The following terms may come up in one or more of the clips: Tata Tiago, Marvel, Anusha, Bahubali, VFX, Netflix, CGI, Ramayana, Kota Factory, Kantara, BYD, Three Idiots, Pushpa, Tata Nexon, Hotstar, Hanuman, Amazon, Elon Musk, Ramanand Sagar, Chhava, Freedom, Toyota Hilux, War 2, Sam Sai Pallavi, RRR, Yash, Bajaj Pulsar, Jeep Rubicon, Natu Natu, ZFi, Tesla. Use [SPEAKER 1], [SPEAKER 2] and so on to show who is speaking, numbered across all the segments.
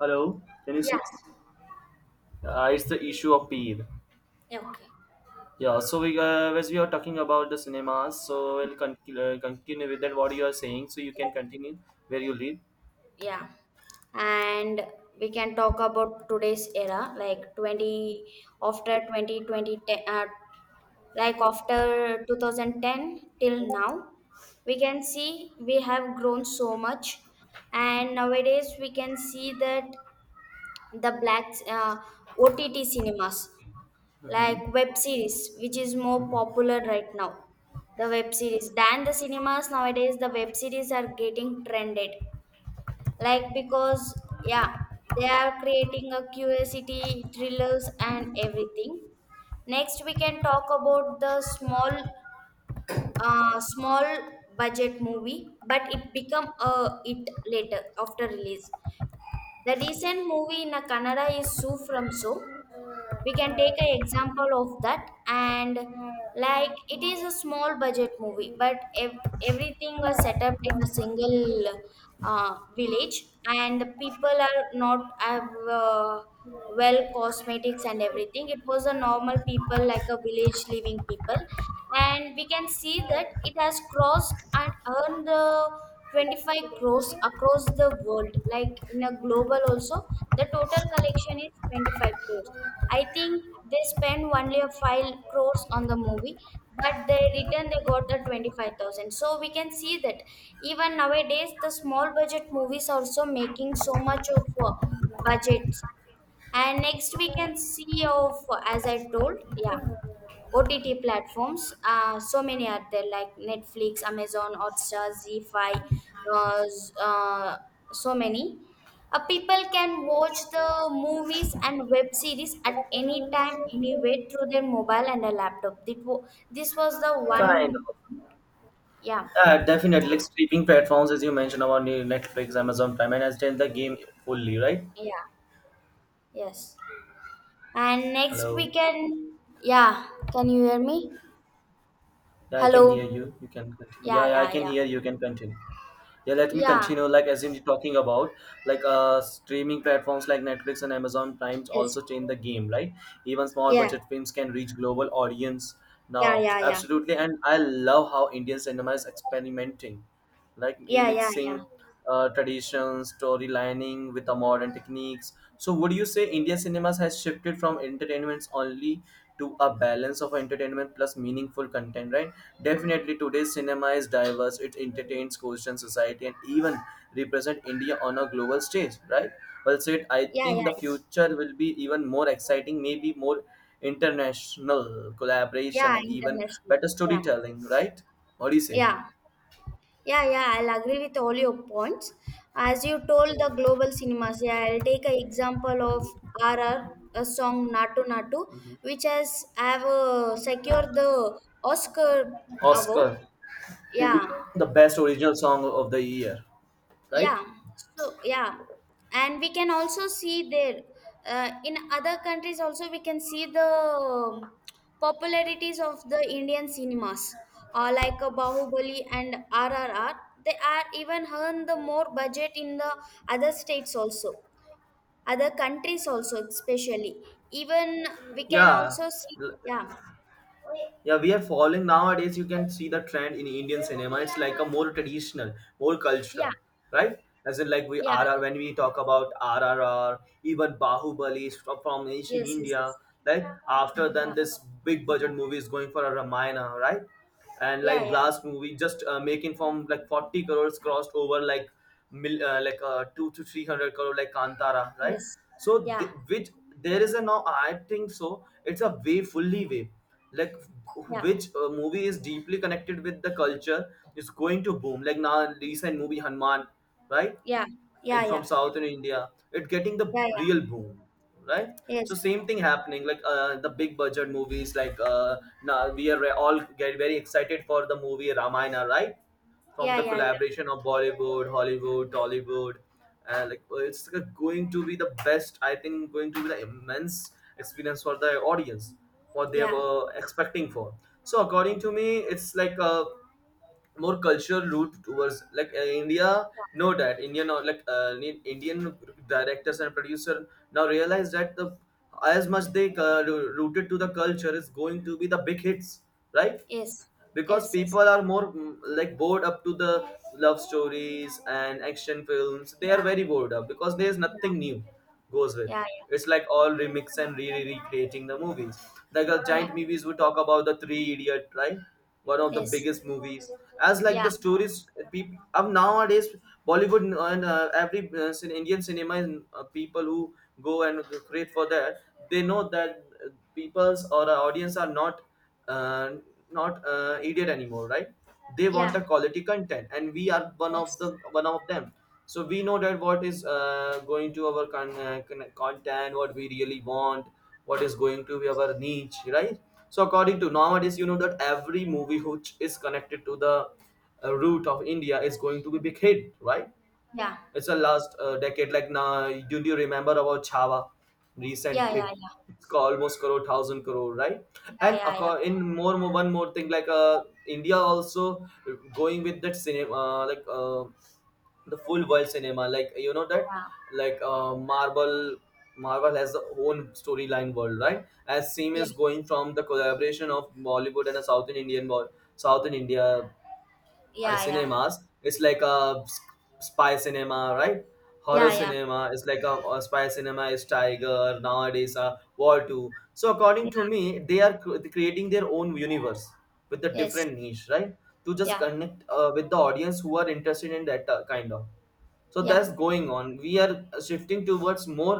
[SPEAKER 1] Hello, can you see?
[SPEAKER 2] Yes.
[SPEAKER 1] It's the issue of Peer.
[SPEAKER 2] Yeah, okay.
[SPEAKER 1] Yeah, so we as we are talking about the cinemas, so we'll continue with that. What you are saying, so you can continue where you leave.
[SPEAKER 2] Yeah. And we can talk about today's era, like 20, after twenty twenty ten, like after 2010 till now, we can see we have grown so much. And nowadays, we can see that the black OTT cinemas,
[SPEAKER 1] Hmm.
[SPEAKER 2] like web series, which is more
[SPEAKER 1] Hmm.
[SPEAKER 2] popular right now, the web series than the cinemas nowadays, the web series are getting trended. Like, because, yeah, they are creating a curiosity, thrillers, and everything. Next, we can talk about the small budget movie, but it become a it later after release. The recent movie in a Kannada is Sue from. So we can take an example of that, and like it is a small budget movie, but everything was set up in a single village, and the people are not have uh, well cosmetics and everything. It was a normal people like a village living people, and we can see that it has crossed and earned 25 crores across the world, like in a global also. The total collection is 25 crores. I think they spend only a five crores on the movie, but they return they got the 25,000. So we can see that even nowadays the small budget movies also making so much of uh, budgets. And next we can see of, as I told, yeah. OTT platforms, so many are there like Netflix, Amazon, Hotstar, ZFi, uh, z- uh, so many. People can watch the movies and web series at any time, anywhere through their mobile and a laptop. This, this was the
[SPEAKER 1] Kind
[SPEAKER 2] one,
[SPEAKER 1] of.
[SPEAKER 2] yeah,
[SPEAKER 1] Definitely, like streaming platforms, as you mentioned about the Netflix, Amazon Prime, and as then the game fully, right?
[SPEAKER 2] yeah, yes. And next we
[SPEAKER 1] Hello.
[SPEAKER 2] can, yeah, can you hear me?
[SPEAKER 1] Yeah, I can hear
[SPEAKER 2] Hello?
[SPEAKER 1] you. You can continue. Yeah,
[SPEAKER 2] Yeah,
[SPEAKER 1] yeah, I
[SPEAKER 2] yeah,
[SPEAKER 1] can
[SPEAKER 2] yeah.
[SPEAKER 1] hear you. You can continue. Yeah, let me
[SPEAKER 2] Yeah,
[SPEAKER 1] continue, like as you're talking about, like streaming platforms like Netflix and Amazon Prime
[SPEAKER 2] yes,
[SPEAKER 1] also change the game, right? Even small
[SPEAKER 2] yeah,
[SPEAKER 1] budget films can reach global audience now,
[SPEAKER 2] yeah, yeah, yeah,
[SPEAKER 1] absolutely. And I love how Indian cinema is experimenting, like
[SPEAKER 2] yeah, yeah, yeah.
[SPEAKER 1] mixing tradition storylining with the modern techniques. So would you say India cinemas has shifted from entertainments only to a balance of entertainment plus meaningful content, right? Definitely, today's cinema is diverse. It entertains, questions society, and even represent India on a global stage, right? Well said. I
[SPEAKER 2] Yeah,
[SPEAKER 1] think the
[SPEAKER 2] yeah,
[SPEAKER 1] future will be even more exciting, maybe more international collaboration
[SPEAKER 2] yeah,
[SPEAKER 1] and even
[SPEAKER 2] international.
[SPEAKER 1] better
[SPEAKER 2] Yeah,
[SPEAKER 1] storytelling, right? What do you say?
[SPEAKER 2] yeah, yeah, yeah. I'll agree with all your points. As you told the global cinemas, yeah, I'll take an example of R R, a song Natu Natu,
[SPEAKER 1] Mhm.
[SPEAKER 2] which has have secured the Oscar award.
[SPEAKER 1] Oscar to be
[SPEAKER 2] Yeah.
[SPEAKER 1] the best original song of the year, right?
[SPEAKER 2] Yeah, so yeah, and we can also see there in other countries also we can see the popularities of the Indian cinemas like Bahubali and RRR. They are even earn the more budget in the other states also, other countries also especially. Even we can
[SPEAKER 1] Yeah,
[SPEAKER 2] also see.
[SPEAKER 1] L-
[SPEAKER 2] Yeah,
[SPEAKER 1] yeah, we are following nowadays. You can see the trend in Indian cinema. It's like a more traditional, more cultural,
[SPEAKER 2] yeah,
[SPEAKER 1] right? As in, like we
[SPEAKER 2] yeah, yeah.
[SPEAKER 1] RR when we talk about RRR, even Bahubali is from ancient
[SPEAKER 2] Yes, yes,
[SPEAKER 1] India.
[SPEAKER 2] yes,
[SPEAKER 1] Like after then,
[SPEAKER 2] yeah,
[SPEAKER 1] this big budget movie is going for a Ramayana, right? And
[SPEAKER 2] yeah,
[SPEAKER 1] like
[SPEAKER 2] yeah,
[SPEAKER 1] last movie just making from like 40 crores crossed over like mil, like 2 to 300 crore like kantara, right?
[SPEAKER 2] yes,
[SPEAKER 1] So
[SPEAKER 2] yeah,
[SPEAKER 1] which, there is a now, I think so it's a way fully way, like
[SPEAKER 2] yeah,
[SPEAKER 1] which movie is deeply connected with the culture is going to boom, like now recent movie hanuman, right?
[SPEAKER 2] yeah,
[SPEAKER 1] In
[SPEAKER 2] yeah,
[SPEAKER 1] from
[SPEAKER 2] yeah,
[SPEAKER 1] southern India, it getting the
[SPEAKER 2] yeah, yeah.
[SPEAKER 1] real boom, right? So
[SPEAKER 2] Yes.
[SPEAKER 1] same thing happening, like the big budget movies like now we are all get very excited for the movie ramayana, right? From
[SPEAKER 2] Yeah,
[SPEAKER 1] the
[SPEAKER 2] yeah, yeah.
[SPEAKER 1] collaboration of bollywood hollywood tollywood, it's like going to be the best. I think going to be the immense experience for the audience what they
[SPEAKER 2] Yeah.
[SPEAKER 1] were expecting for. So according to me, it's like more cultural route towards like India. Know that Indian or like Indian directors and producer now realize that the as much they rooted to the culture is going to be the big hits, right?
[SPEAKER 2] Yes.
[SPEAKER 1] Because
[SPEAKER 2] Yes,
[SPEAKER 1] people
[SPEAKER 2] yes.
[SPEAKER 1] are more like bored up to the love stories and action films. They are very
[SPEAKER 2] Yeah.
[SPEAKER 1] bored up because there's nothing
[SPEAKER 2] Yeah.
[SPEAKER 1] new goes with.
[SPEAKER 2] Yeah, yeah.
[SPEAKER 1] It's like all remix and re re recreating the movies. Like the
[SPEAKER 2] Yeah.
[SPEAKER 1] giant movies, we talk about the three idiot, right? One of the
[SPEAKER 2] Yes.
[SPEAKER 1] biggest movies as like the
[SPEAKER 2] Yeah.
[SPEAKER 1] stories people of nowadays. Bollywood and every indian cinema and people who go and create for that, they know that people's or our audience are not uh, idiot anymore, right? They want a
[SPEAKER 2] Yeah.
[SPEAKER 1] quality content and we are one of
[SPEAKER 2] Yes.
[SPEAKER 1] the one of them So we know that what is going to our content, what we really want, what is going to be
[SPEAKER 2] Yes.
[SPEAKER 1] our niche, right? So according to nowadays, you know that every movie which is connected to the root of India is going to be big hit, right?
[SPEAKER 2] Yeah.
[SPEAKER 1] It's a last decade. Like now, do you remember about Chhava? Recent
[SPEAKER 2] Yeah, yeah,
[SPEAKER 1] hit.
[SPEAKER 2] yeah.
[SPEAKER 1] It's called almost crore thousand crore, right?
[SPEAKER 2] Yeah,
[SPEAKER 1] And
[SPEAKER 2] yeah, yeah.
[SPEAKER 1] one more thing, like India also going with that cinema, the full world cinema. Like you know that, like Marvel. Marvel has the own storyline world, right? As same
[SPEAKER 2] Yeah.
[SPEAKER 1] is
[SPEAKER 2] Yeah.
[SPEAKER 1] going from the collaboration of Bollywood and a South in Indian world, South in India
[SPEAKER 2] Yeah, yeah, yeah.
[SPEAKER 1] cinemas. It's like a spy cinema, right? Horror
[SPEAKER 2] Yeah, yeah.
[SPEAKER 1] cinema is like a spy cinema is tiger nowadays war 2. So according
[SPEAKER 2] Yeah.
[SPEAKER 1] to me they are creating their own universe with the
[SPEAKER 2] Yes.
[SPEAKER 1] different niche, right? To just
[SPEAKER 2] Yeah.
[SPEAKER 1] connect with the audience who are interested in that kind of. So
[SPEAKER 2] Yeah.
[SPEAKER 1] that's going on. We are shifting towards more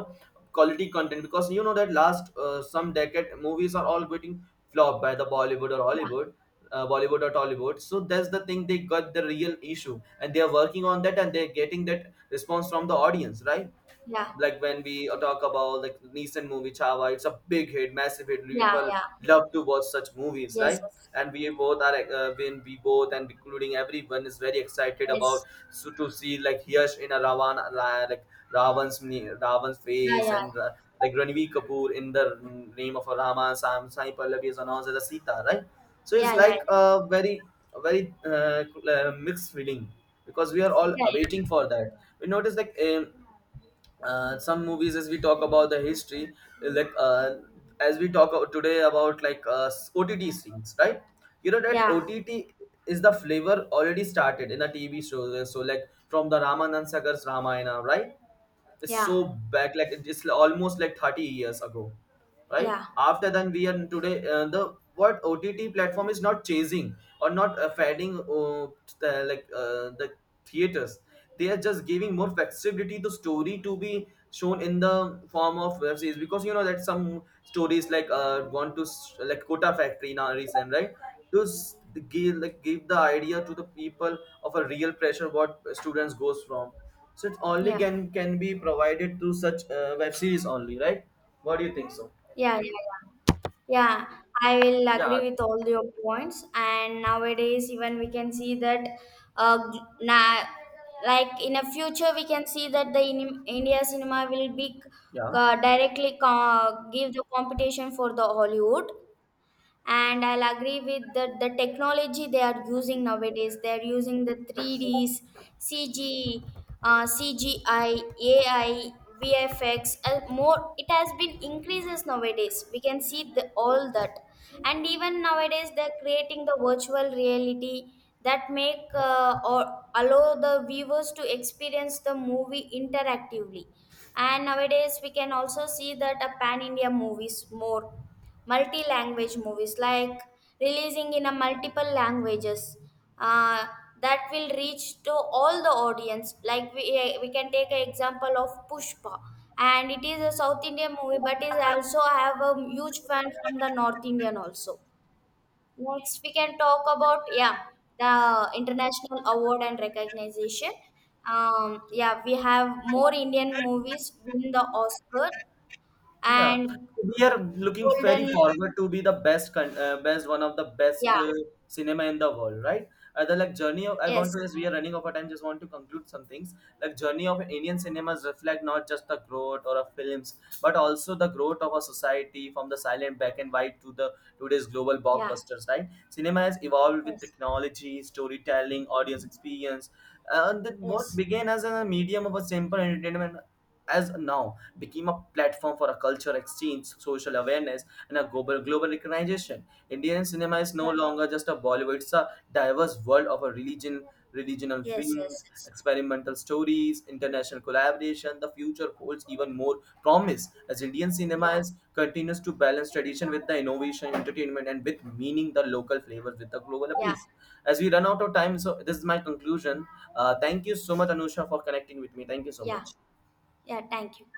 [SPEAKER 1] quality content, because you know that last some decade movies are all getting flopped by the bollywood or
[SPEAKER 2] Yeah.
[SPEAKER 1] hollywood bollywood or tollywood. So that's the thing, they got the real issue and they are working on that and they're getting that response from the audience, right?
[SPEAKER 2] Yeah.
[SPEAKER 1] Like when we talk about like recent movie Chava, it's a big hit, massive hit.
[SPEAKER 2] Yeah,
[SPEAKER 1] People
[SPEAKER 2] yeah.
[SPEAKER 1] love to watch such movies,
[SPEAKER 2] Yes,
[SPEAKER 1] right?
[SPEAKER 2] yes.
[SPEAKER 1] And we both are when we both and including everyone is very excited about,
[SPEAKER 2] Yes.
[SPEAKER 1] so to see like Yash in a Ravan like Ravan's Ravan's
[SPEAKER 2] Yeah,
[SPEAKER 1] face
[SPEAKER 2] yeah.
[SPEAKER 1] and like Ranveer Kapoor in the name of a Rama. Sam Sai Pallavi is announced as a Sita, right? So it's
[SPEAKER 2] Yeah, yeah,
[SPEAKER 1] like
[SPEAKER 2] yeah.
[SPEAKER 1] a very a very uh, mixed feeling, because we are all
[SPEAKER 2] Yeah,
[SPEAKER 1] waiting for that. We notice like. Some movies, as we talk about the history, like as we talk about today about, like ott streams, right? You know that
[SPEAKER 2] yeah.
[SPEAKER 1] ott is the flavor already started in the tv shows, so like from the ramanand sagar's ramayana, right? It's so
[SPEAKER 2] Yeah.
[SPEAKER 1] back, like it's almost like 30 years ago,
[SPEAKER 2] Yeah.
[SPEAKER 1] right?
[SPEAKER 2] Yeah.
[SPEAKER 1] After then we are today the what ott platform is not chasing or not fading the, like the theaters. They are just giving more flexibility to story to be shown in the form of web series, because you know that some stories like want to like kota factory now recent, right? Those give like give the idea to the people of a real pressure what students goes from. So it only
[SPEAKER 2] Yeah.
[SPEAKER 1] can be provided through such web series only, right? What do you think so?
[SPEAKER 2] Yeah, yeah, yeah. Yeah, I will
[SPEAKER 1] Yeah,
[SPEAKER 2] agree with all your points. And nowadays, even we can see that, uh, gl- na- like in a future, we can see that India cinema will be
[SPEAKER 1] yeah.
[SPEAKER 2] directly give the competition for the Hollywood. And I'll agree with the technology they are using nowadays. They're using the 3Ds, cg CGI, AI, VFX. More, it has been increases nowadays. We can see all that. And even nowadays they're creating the virtual reality that make or allow the viewers to experience the movie interactively. And nowadays we can also see that a Pan India movies, more multi-language movies like releasing in a multiple languages, uh, that will reach to all the audience. Like we can take an example of Pushpa, and it is a South Indian movie, but is also I have a huge fan from the North Indian also. Next we can talk about, yeah, the international award and recognition. Yeah, we have more Indian movies win the Oscar
[SPEAKER 1] Yeah,
[SPEAKER 2] and
[SPEAKER 1] we are looking very
[SPEAKER 2] golden.
[SPEAKER 1] forward to be the best, best one of the best
[SPEAKER 2] Yeah.
[SPEAKER 1] cinema in the world, right? Other like journey of I want
[SPEAKER 2] Yes.
[SPEAKER 1] to, as we are running over time, just want to conclude some things. Like journey of Indian cinemas reflect not just the growth or of films, but also the growth of a society, from the silent black and white to the today's global
[SPEAKER 2] Yeah.
[SPEAKER 1] blockbusters, right? Cinema has evolved with
[SPEAKER 2] Yes.
[SPEAKER 1] technology, storytelling, audience experience, and that what
[SPEAKER 2] Yes.
[SPEAKER 1] began as a medium of a simple entertainment as now became a platform for a culture exchange, social awareness, and a global recognition. Indian cinema is
[SPEAKER 2] Yeah.
[SPEAKER 1] no longer just a Bollywood; it's a diverse world of a religion, regional
[SPEAKER 2] Yes. Yes.
[SPEAKER 1] films,
[SPEAKER 2] Yes.
[SPEAKER 1] experimental stories, international collaboration. The future holds even more promise as Indian cinema
[SPEAKER 2] Yeah.
[SPEAKER 1] is, continues to balance tradition with the innovation, entertainment, and with meaning the local flavors with the global appeal.
[SPEAKER 2] Yeah.
[SPEAKER 1] As we run out of time, so this is my conclusion. Thank you so much, Anusha, for connecting with me. Thank you so
[SPEAKER 2] Yeah.
[SPEAKER 1] much.
[SPEAKER 2] Yeah. Thank you.